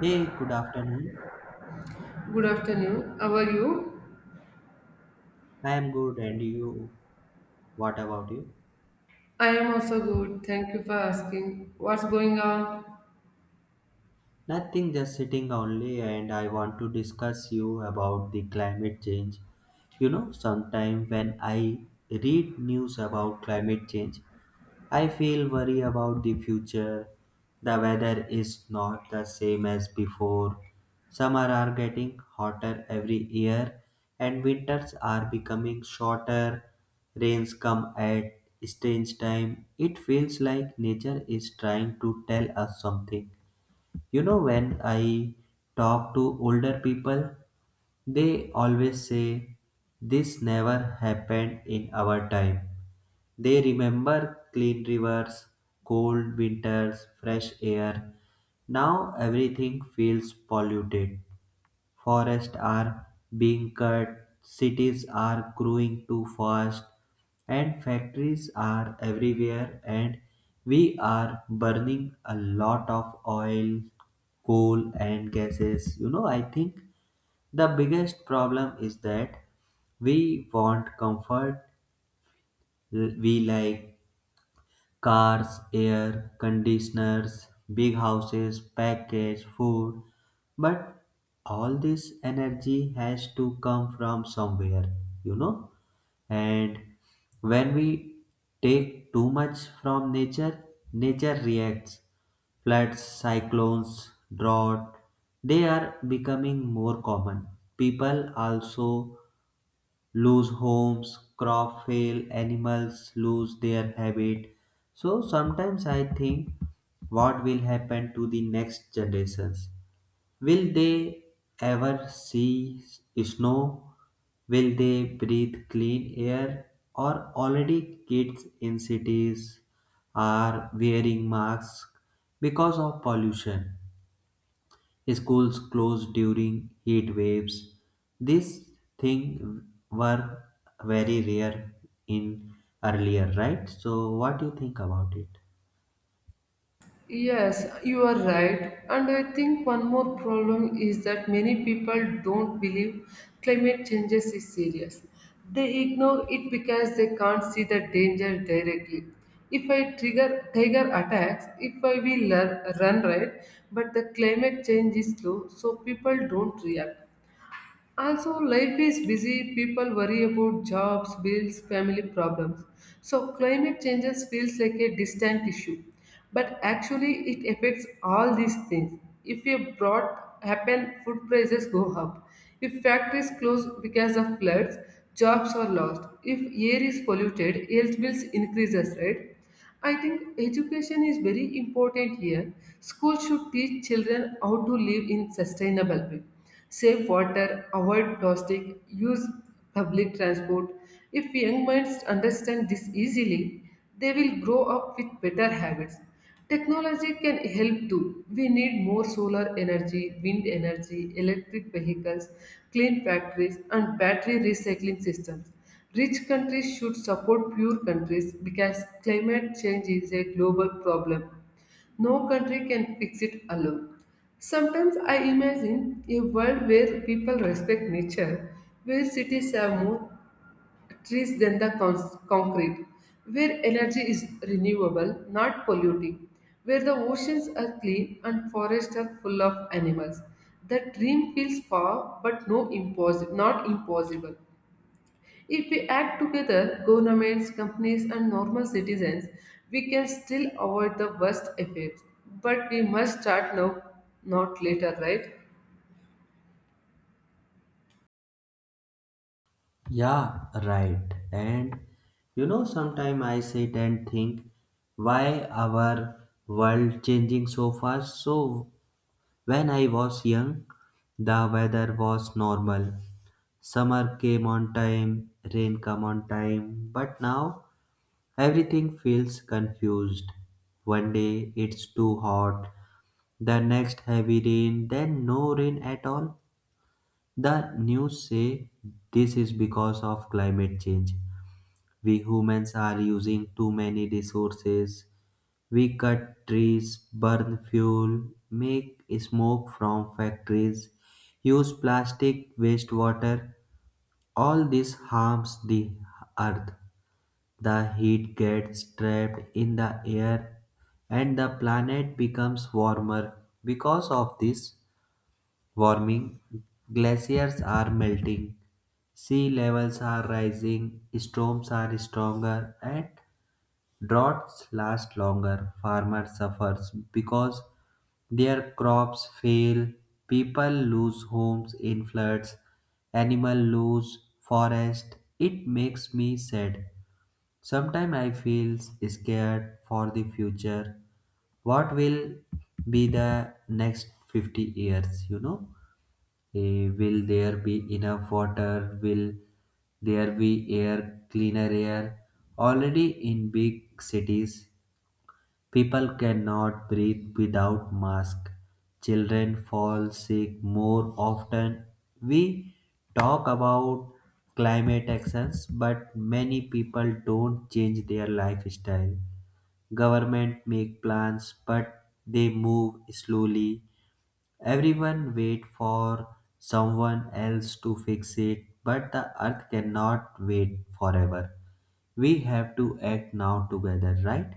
Hey, good afternoon. Good afternoon. How are you? I am good, and you? What about you? I am also good. Thank you for asking. What's going on? Nothing, just sitting only, and I want to discuss you about the climate change. Sometime when I read news about climate change, I feel worry about the future. The weather is not the same as before. Summer are getting hotter every year and winters are becoming shorter. Rains come at strange time. It feels like nature is trying to tell us something. When I talk to older people, they always say this never happened in our time, they remember clean rivers, cold winters, fresh air. Now everything feels polluted. Forests are being cut, cities are growing too fast, and factories are everywhere. And we are burning a lot of oil, coal, and gases. I think the biggest problem is that we want comfort, we like cars, air conditioners, big houses, packaged food. But all this energy has to come from somewhere, you know? And when we take too much from nature, nature reacts. Floods, cyclones, drought, they are becoming more common. People also lose homes, crop fail, animals lose their habit. So sometimes I think, what will happen to the next generations? Will they ever see snow? Will they breathe clean air? Or already kids in cities are wearing masks because of pollution? Schools closed during heat waves. These things were very rare in earlier, right? So what do you think about it? Yes, you are right. And I think one more problem is that many people don't believe climate changes is serious. They ignore it because they can't see the danger directly. If I trigger tiger attacks, if I will learn, run right, but the climate change is slow, so people don't react. Also, life is busy, people worry about jobs, bills, family problems. So, climate changes feels like a distant issue, but actually, it affects all these things. If a drought happen, food prices go up. If factories close because of floods, jobs are lost. If air is polluted, air bills increases, right? I think education is very important here. School should teach children how to live in sustainable way. Save water, avoid plastic, use public transport. If young minds understand this easily, they will grow up with better habits. Technology can help too. We need more solar energy, wind energy, electric vehicles, clean factories, and battery recycling systems. Rich countries should support poor countries because climate change is a global problem. No country can fix it alone. Sometimes I imagine a world where people respect nature, where cities have more trees than the concrete, where energy is renewable, not polluting, where the oceans are clean and forests are full of animals. The dream feels far, but no not impossible. If we act together, governments, companies, and normal citizens, we can still avoid the worst effects. But we must start now, not later, right? Yeah, right. And sometimes I sit and think why our world changing so fast. So when I was young, the weather was normal. Summer came on time, rain come on time, but now everything feels confused. One day it's too hot, the next heavy rain, then no rain at all. The news say this is because of climate change. We humans are using too many resources. We cut trees, burn fuel, make smoke from factories, use plastic, wastewater. All this harms the earth. The heat gets trapped in the air and the planet becomes warmer. Because of this warming, glaciers are melting, sea levels are rising, storms are stronger, and droughts last longer. Farmers suffer because their crops fail, people lose homes in floods, animals lose forest. It makes me sad. Sometimes I feel scared for the future. What will be the next 50 years, you know? Will there be enough water? Will there be air, cleaner air? Already in big cities, people cannot breathe without masks. Children fall sick more often. We talk about climate actions, but many people don't change their lifestyle. Government make plans, but they move slowly. Everyone wait for someone else to fix it, but the earth cannot wait forever. We have to act now together, right?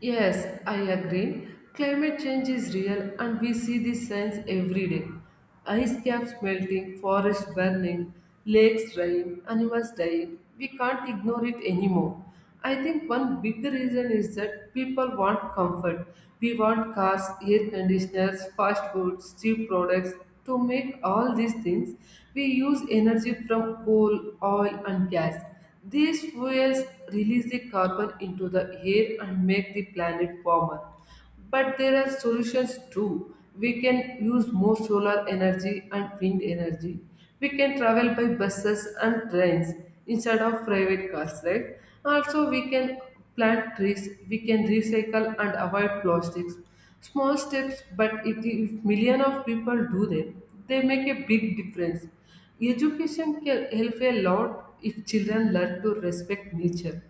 Yes, I agree. Climate change is real and we see the signs every day. Ice caps melting, forests burning, lakes drying, animals dying. We can't ignore it anymore. I think one big reason is that people want comfort. We want cars, air conditioners, fast foods, cheap products. To make all these things, we use energy from coal, oil, and gas. These fuels release the carbon into the air and make the planet warmer. But there are solutions too. We can use more solar energy and wind energy. We can travel by buses and trains instead of private cars, right? Also, we can plant trees, we can recycle and avoid plastics. Small steps, but it, if million of people do them, they make a big difference. Education can help a lot if children learn to respect nature.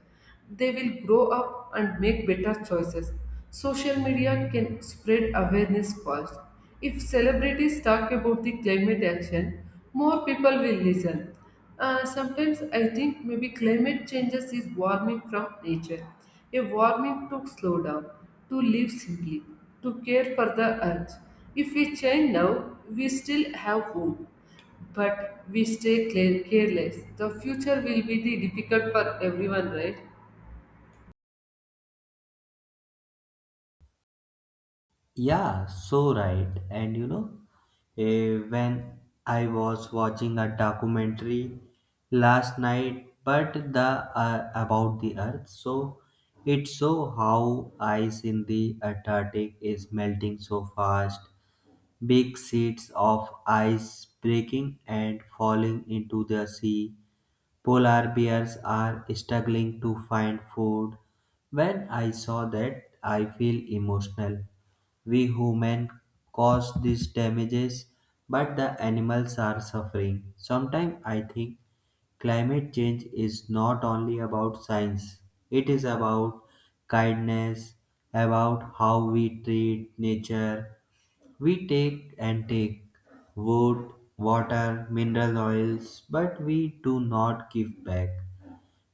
They will grow up and make better choices. Social media can spread awareness fast. If celebrities talk about the climate action, more people will listen. Sometimes I think maybe climate changes is warming from nature, a warming to slow down, to live simply, to care for the earth. If we change now, we still have hope but we stay careless. The future will be the difficult for everyone, right? Yeah, so right. And when I was watching a documentary last night, but the about the Earth, so it show how ice in the Antarctic is melting so fast, big sheets of ice breaking and falling into the sea. Polar bears are struggling to find food. When I saw that, I feel emotional, we humans cause these damages, but the animals are suffering. Sometimes I think climate change is not only about science, it is about kindness, about how we treat nature. We take and take wood, water, mineral oils, but we do not give back.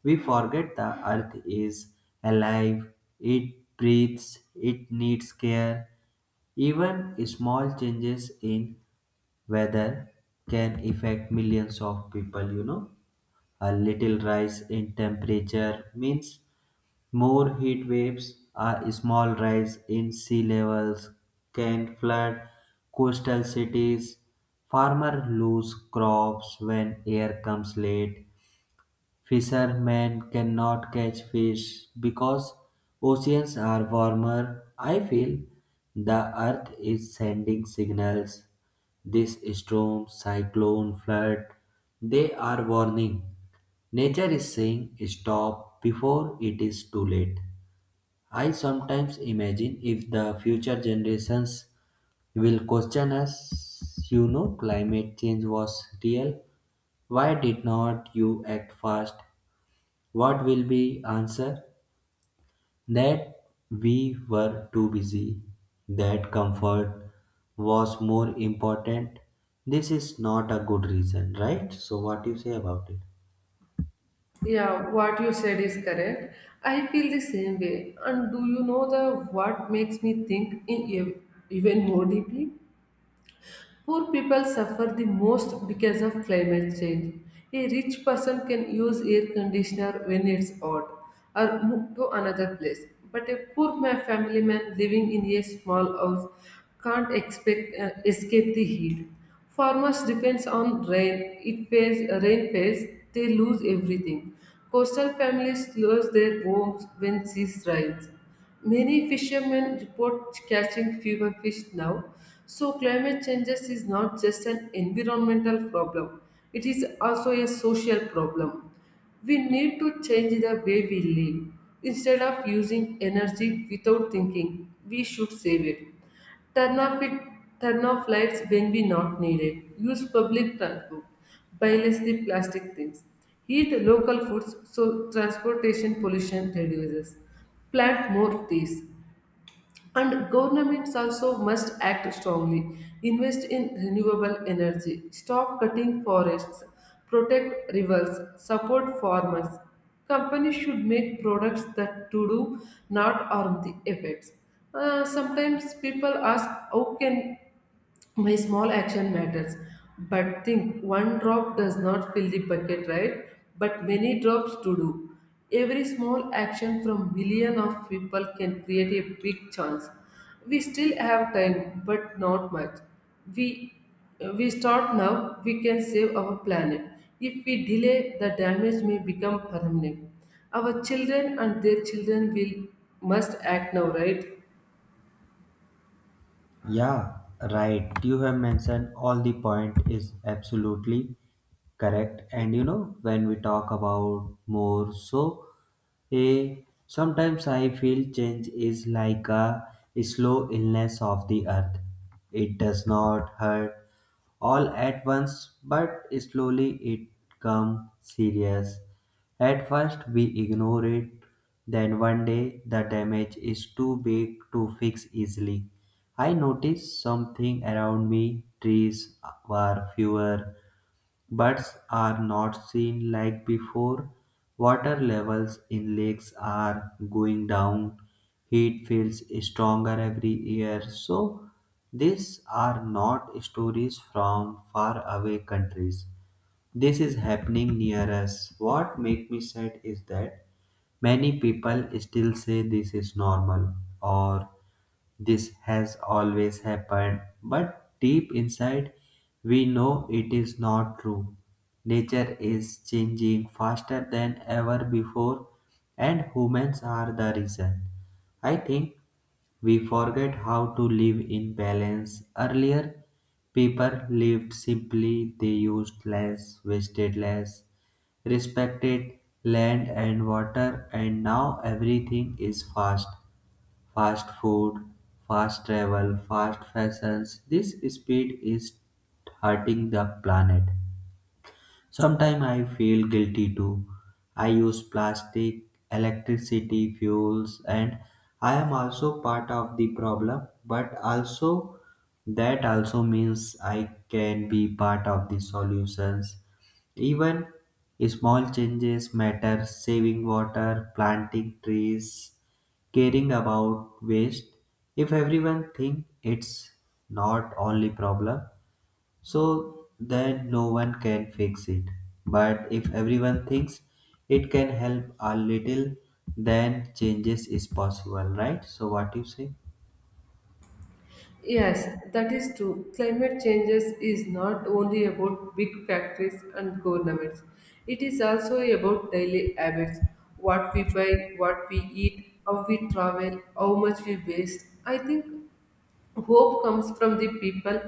We forget the earth is alive, it breathes, it needs care. Even small changes in weather can affect millions of people. A little rise in temperature means more heat waves. A small rise in sea levels can flood coastal cities. Farmers lose crops when air comes late. Fishermen cannot catch fish because oceans are warmer. I feel the earth is sending signals. This storm, cyclone, flood, they are warning. Nature is saying stop before it is too late. I sometimes imagine if the future generations will question us, climate change was real. Why did not you act fast? What will be answer? That we were too busy, that comfort was more important. This is not a good reason, right? So what do you say about it? Yeah, what you said is correct. I feel the same way. And do you know the what makes me think in even more deeply? Poor people suffer the most because of climate change. A rich person can use air conditioner when it's hot or move to another place. But a poor family man living in a small house can't expect escape the heat. Farmers depends on rain. It fails, rain fails, they lose everything. Coastal families lose their homes when seas rise. Many fishermen report catching fewer fish now. So, climate changes is not just an environmental problem, it is also a social problem. We need to change the way we live. Instead of using energy without thinking, we should save it. Turn off it Turn off lights when we not need it. Use public transport. Buy less the plastic things. Eat local foods so transportation pollution reduces. Plant more trees. And governments also must act strongly, invest in renewable energy, stop cutting forests, protect rivers, support farmers. Companies should make products that to do not harm the effects. Sometimes people ask, how can my small action matters, but think one drop does not fill the bucket, right? But many drops to do, every small action from million of people can create a big chance. We still have time, but not much. We we start now we can save our planet. If we delay, the damage may become permanent. Our children and their children will must act now, right? Yeah, right. You have mentioned all the point is absolutely correct. And you know, when we talk about more, so a sometimes I feel change is like a slow illness of the earth. It does not hurt all at once, but slowly it comes serious. At first we ignore it, then one day the damage is too big to fix easily. I noticed something around me, trees were fewer, birds are not seen like before, water levels in lakes are going down, heat feels stronger every year. So, these are not stories from faraway countries. This is happening near us. What makes me sad is that many people still say this is normal, or this has always happened, but deep inside we know it is not true. Nature is changing faster than ever before, and humans are the reason. I think we forget how to live in balance. Earlier, people lived simply, they used less, wasted less, respected land and water, and now everything is fast. Fast food, fast travel, fast fashions. This speed is hurting the planet. Sometimes I feel guilty too. I use plastic, electricity, fuels, and I am also part of the problem, but also that also means I can be part of the solutions. Even small changes matter, saving water, planting trees, caring about waste. If everyone think it's not only problem, so then no one can fix it. But if everyone thinks it can help a little, then changes is possible, right? So what do you say? Yes, that is true. Climate changes is not only about big factories and governments. It is also about daily habits, what we buy, what we eat, how we travel, how much we waste. I think hope comes from the people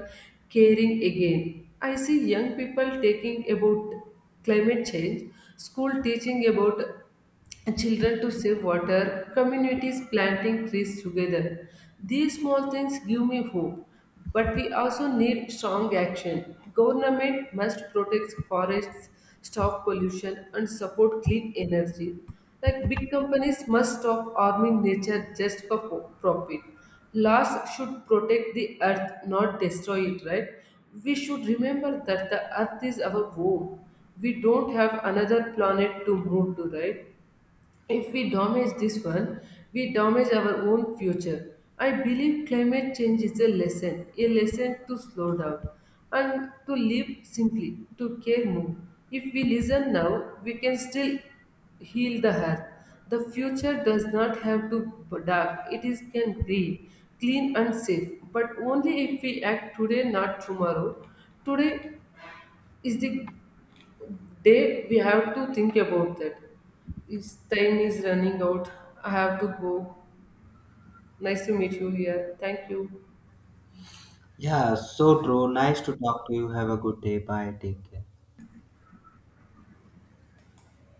caring again. I see young people taking about climate change, school teaching about children to save water, communities planting trees together. These small things give me hope, but we also need strong action. Government must protect forests, stop pollution, and support clean energy. Like big companies must stop harming nature just for profit. Laws should protect the earth, not destroy it, right? We should remember that the earth is our home. We don't have another planet to move to, right? If we damage this one, we damage our own future. I believe climate change is a lesson to slow down and to live simply, to care more. If we listen now, we can still heal the earth. The future does not have to be dark, it is can green, clean and safe, but only if we act today, not tomorrow. Today is the day we have to think about that. It's time is running out. I have to go. Nice to meet you here. Thank you. Yeah, so true. Nice to talk to you. Have a good day. Bye. Take care.